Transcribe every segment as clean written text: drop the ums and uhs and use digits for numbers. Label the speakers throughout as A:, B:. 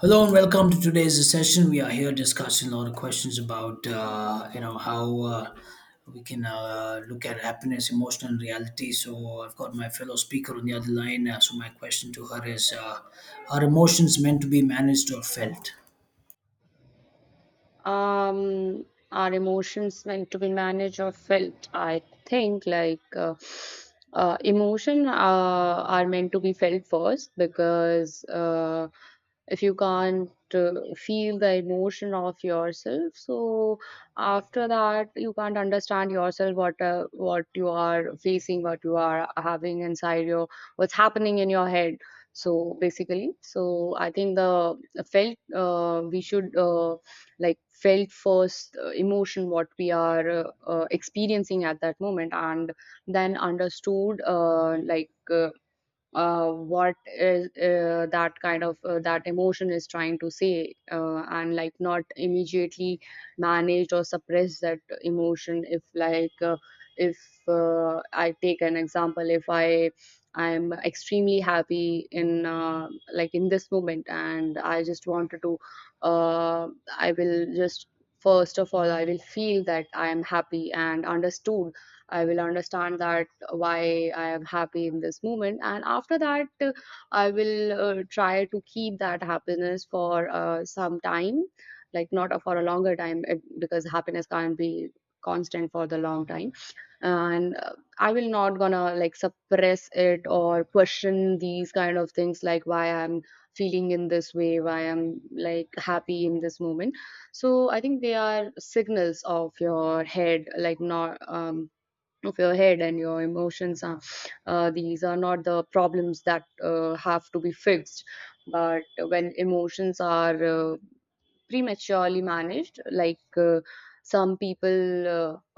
A: Hello and welcome to today's session. We are here discussing a lot of questions about you know how we can look at happiness, emotional reality. So I've got my fellow speaker on the other line. So my question to her is: are emotions meant to be managed or felt?
B: um our emotions meant to be managed or felt? I think emotion are meant to be felt first, because if you can't feel the emotion of yourself, so after that you can't understand yourself, what you are facing, what you are having inside your, what's happening in your head. So basically, so I think the felt, we should like felt first emotion what we are experiencing at that moment, and then understood what is that kind of that emotion is trying to say, and like not immediately manage or suppress that emotion. If if I take an example, if I'm extremely happy in like in this moment, and I just wanted to, uh, I will just, first of all I will feel that I am happy and understood, I will understand that why I am happy in this moment. And after that, I will try to keep that happiness for some time, like not a- for a longer time, because happiness can't be constant for the long time. And I will not gonna like suppress it or question these kind of things, like why I'm feeling in this way, why I'm like happy in this moment. So I think they are signals of your head, like not of your head, and your emotions are, these are not the problems that have to be fixed. But when emotions are prematurely managed, some people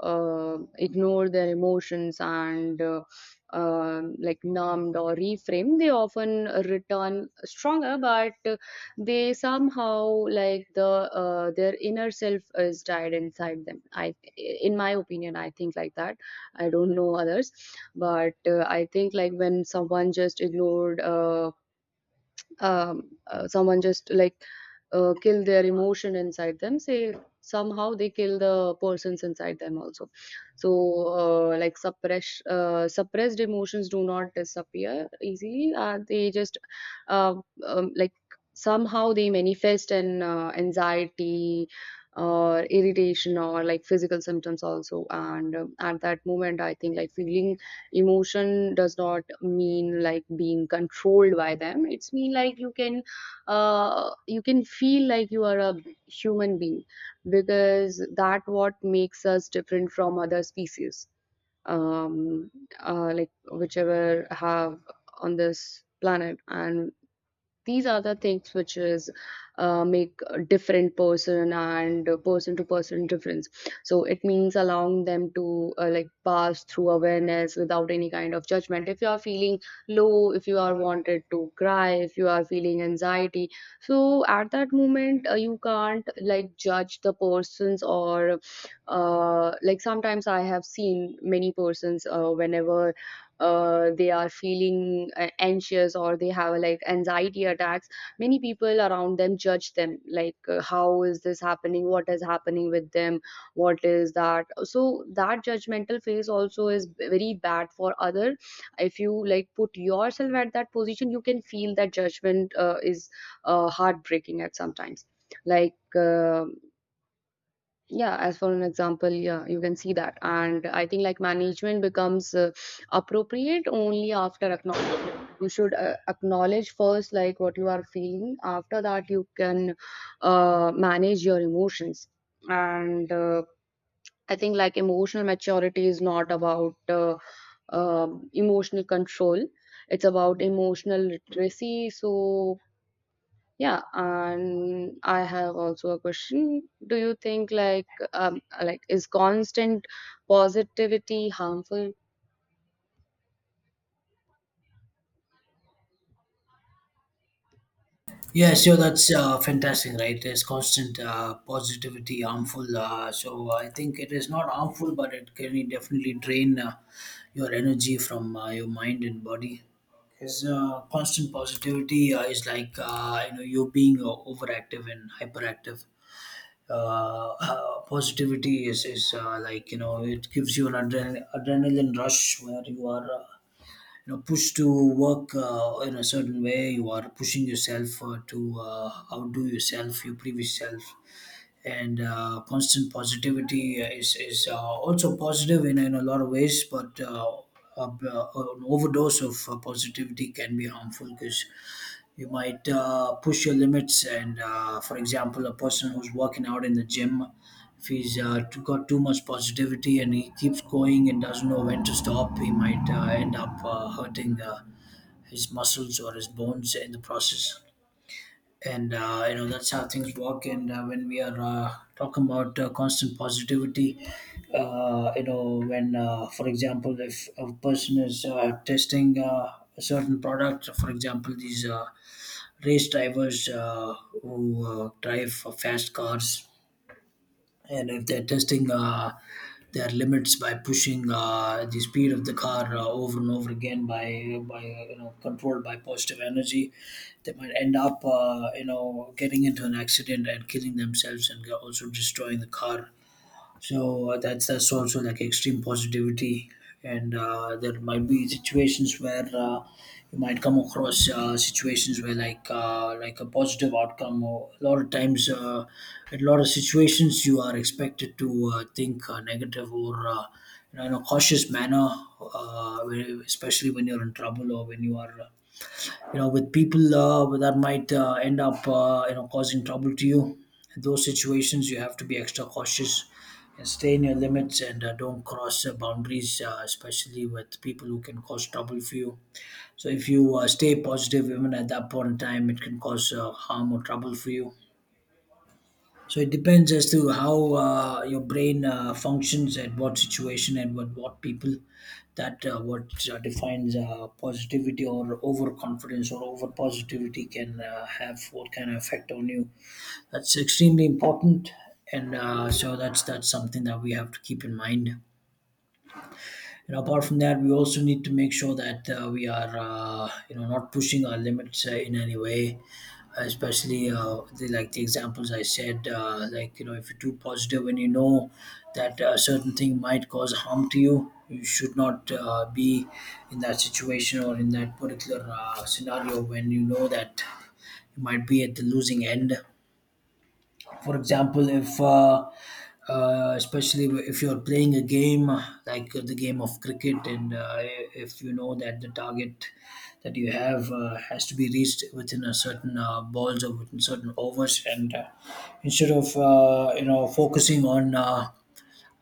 B: ignore their emotions and, like numbed or reframed, they often return stronger. But they somehow, like the their inner self is died inside them, I in my opinion I think like that. I don't know others, but I think like when someone just ignored, someone just like kill their emotion inside them, say somehow they kill the persons inside them also. So like suppressed emotions do not disappear easily, they just uh, like somehow they manifest in anxiety or irritation or like physical symptoms also. And at that moment I think like feeling emotion does not mean like being controlled by them, it's mean like you can feel like you are a human being, because that what makes us different from other species. um like whichever have on this planet, and these are the things which is make a different person, and person to person difference. So it means allowing them to like pass through awareness without any kind of judgment. If you are feeling low, if you are wanted to cry, if you are feeling anxiety, so at that moment you can't like judge the persons, or like sometimes I have seen many persons, whenever they are feeling anxious or they have like anxiety attacks, many people around them judge them, like how is this happening, what is happening with them, what is that. So that judgmental phase also is very bad for other. If you like put yourself at that position, you can feel that judgment is heartbreaking at sometimes. like um yeah, as for an example, yeah, you can see that. And I think like management becomes appropriate only after acknowledgement. You should acknowledge first like what you are feeling, after that you can manage your emotions. And I think like emotional maturity is not about emotional control, it's about emotional literacy. So yeah, and I have also a question. Do you think like is constant positivity harmful?
A: Yeah, sure. That's fantastic, right? There's constant positivity, harmful. So I think it is not harmful, but it can definitely drain your energy from your mind and body. Because constant positivity is like you being overactive and hyperactive. Positivity is like it gives you an adrenaline rush where you are. Pushed to work in a certain way, you are pushing yourself to outdo yourself, your previous self. And constant positivity is also positive in a lot of ways, but an overdose of positivity can be harmful, because you might push your limits. And for example, a person who's working out in the gym, if he's got too much positivity and he keeps going and doesn't know when to stop, he might end up hurting his muscles or his bones in the process. And that's how things work. And when we are talking about constant positivity, when for example, if a person is testing a certain product, for example, these race drivers who drive for fast cars, and if they're testing their limits by pushing the speed of the car over and over again, by you know controlled by positive energy, they might end up getting into an accident and killing themselves and also destroying the car. So that's also like extreme positivity, and there might be situations where you might come across situations where like a positive outcome. Or a lot of times, in a lot of situations, you are expected to think negative, or, in a cautious manner, especially when you're in trouble, or when you are with people that might end up causing trouble to you. In those situations, you have to be extra cautious and stay in your limits, and don't cross boundaries, especially with people who can cause trouble for you. So if you stay positive even at that point in time, it can cause harm or trouble for you. So it depends as to how your brain functions at what situation and with what people. That what defines positivity or overconfidence or over positivity can have what kind of effect on you. That's extremely important, and so that's something that we have to keep in mind. And apart from that, we also need to make sure that we are not pushing our limits in any way, especially like the examples I said, if you're too positive and you know that a certain thing might cause harm to you, you should not be in that situation or in that particular scenario when you know that you might be at the losing end. For example, if especially if you're playing a game like the game of cricket, and if you know that the target that you have has to be reached within a certain balls or within certain overs, and instead of focusing on uh,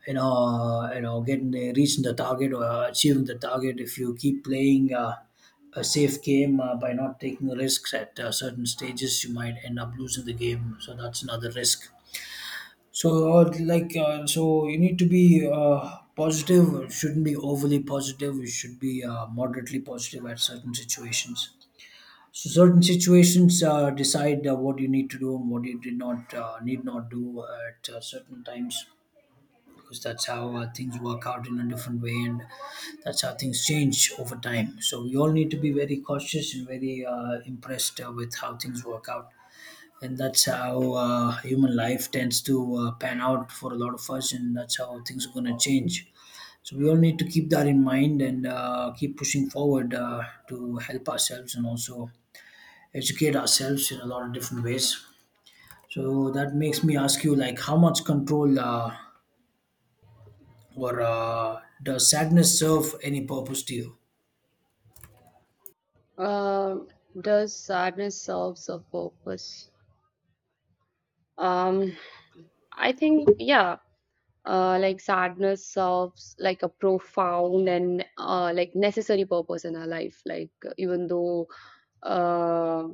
A: you know uh, you know getting the, reaching the target, or achieving the target, if you keep playing a safe game by not taking risks at certain stages, you might end up losing the game. So that's another risk. So, so you need to be positive. It shouldn't be overly positive. You should be moderately positive at certain situations. So, certain situations decide what you need to do and what you did not need not do at certain times, because that's how things work out in a different way, and that's how things change over time. So, we all need to be very cautious and very impressed with how things work out, and that's how human life tends to pan out for a lot of us, and that's how things are going to change. So we all need to keep that in mind, and keep pushing forward to help ourselves and also educate ourselves in a lot of different ways. So that makes me ask you, like, how much control or does sadness serve any purpose to you?
B: Uh, does sadness serve a purpose? Um, I think yeah. Like sadness serves like a profound and like necessary purpose in our life. Like even though, uh,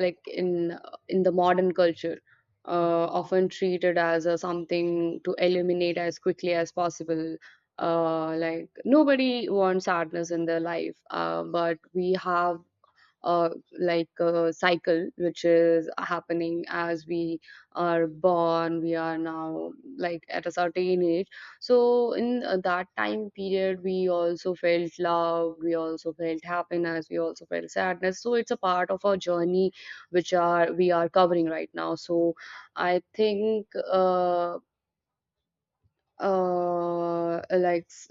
B: like in the modern culture, often treated as a something to eliminate as quickly as possible. Like nobody wants sadness in their life, but we have uh, like a cycle which is happening. As we are born, we are now like at a certain age, so in that time period, we also felt love, we also felt happiness, we also felt sadness. So it's a part of our journey which are we are covering right now. So I think, uh, like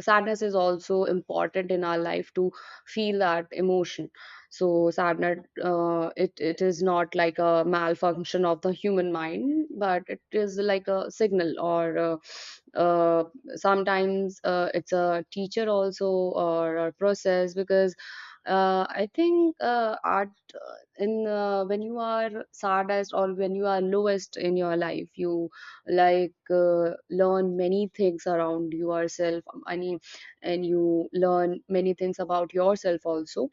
B: sadness is also important in our life to feel that emotion. So sadness, it, it is not like a malfunction of the human mind, but it is like a signal, or uh, sometimes it's a teacher also, or a process. Because I think art in when you are saddest or when you are lowest in your life, you learn many things around yourself, any and you learn many things about yourself also.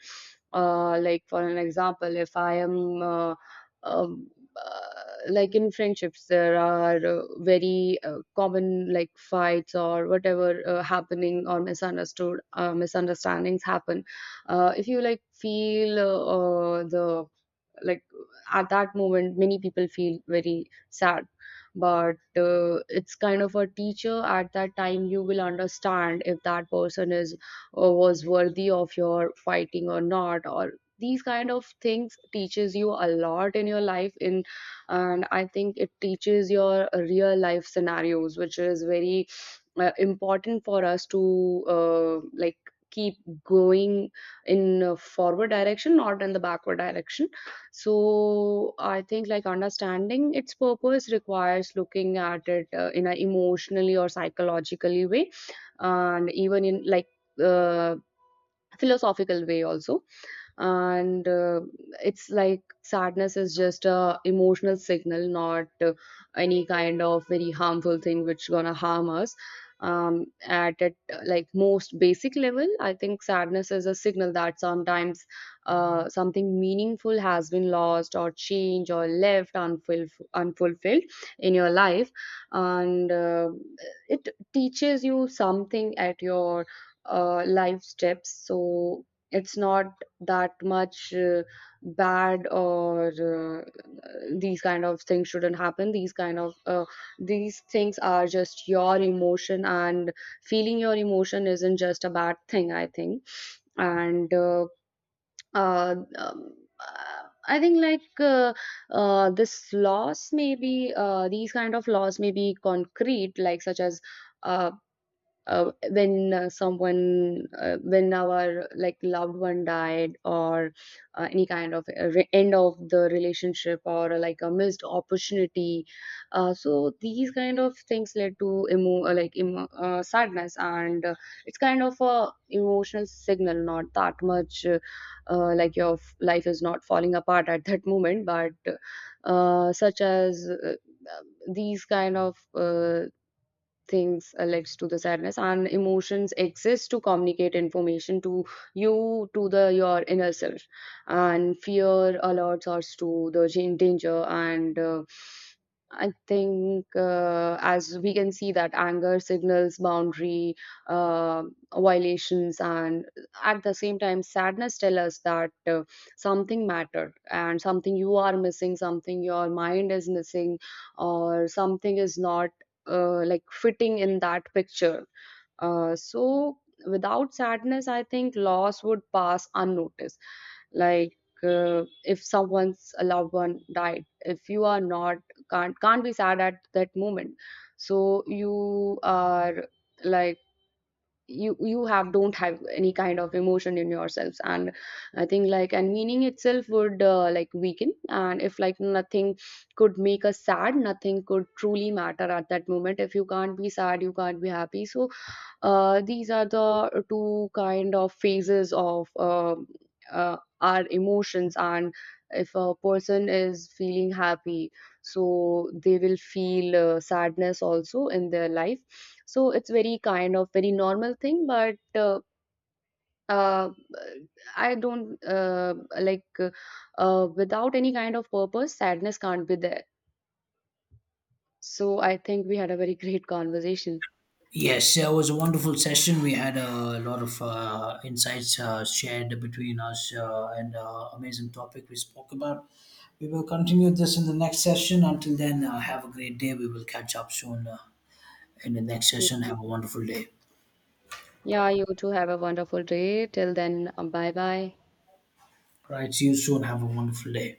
B: Like for an example, if I am um, like in friendships, there are very common like fights or whatever happening, or misunderstood misunderstandings happen. If you like feel the like, at that moment many people feel very sad. But it's kind of a teacher, at that time you will understand if that person is was worthy of your fighting or not, or these kind of things teaches you a lot in your life. In And I think it teaches your real life scenarios, which is very important for us to like keep going in a forward direction, not in the backward direction. So I think like understanding its purpose requires looking at it in an emotionally or psychologically way, and even in like uh, philosophical way also. And it's like sadness is just a emotional signal, not any kind of very harmful thing which gonna harm us. At it, like most basic level, I think sadness is a signal that sometimes something meaningful has been lost or changed or left unfulfilled in your life. And it teaches you something at your life steps. So it's not that much bad, or these kind of things shouldn't happen, these kind of these things are just your emotion, and feeling your emotion isn't just a bad thing, I think. And uh, um, uh, I think this loss may be, these kind of loss may be concrete, like such as uh, when someone, when our like loved one died, or any kind of end of the relationship, or like a missed opportunity. So these kind of things led to like sadness. And it's kind of a emotional signal, not that much like your life is not falling apart at that moment. But such as uh, these kind of things leads to the sadness. And emotions exist to communicate information to you, to the your inner self. And fear alerts us to the danger, and I think, as we can see that anger signals boundary uh, violations, and at the same time sadness tell us that something mattered, and something you are missing, something your mind is missing, or something is not like fitting in that picture. So without sadness, I think loss would pass unnoticed. Like if someone's a loved one died, if you are not, can't be sad at that moment, so you are like, you have don't have any kind of emotion in yourselves. And I think like, and meaning itself would like weaken, and if like nothing could make us sad, nothing could truly matter. At that moment, if you can't be sad, you can't be happy. So these are the two kind of phases of our emotions. And if a person is feeling happy, so they will feel sadness also in their life. So it's very kind of very normal thing. But uh, I don't without any kind of purpose, sadness can't be there. So I think we had a very great conversation.
A: Yes, it was a wonderful session. We had a lot of insights shared between us, and amazing topic we spoke about. We will continue this in the next session. Until then, have a great day. We will catch up soon in the next session. Have a wonderful day.
B: Yeah, you too, have a wonderful day. Till then, bye bye.
A: Right, see you soon. Have a wonderful day.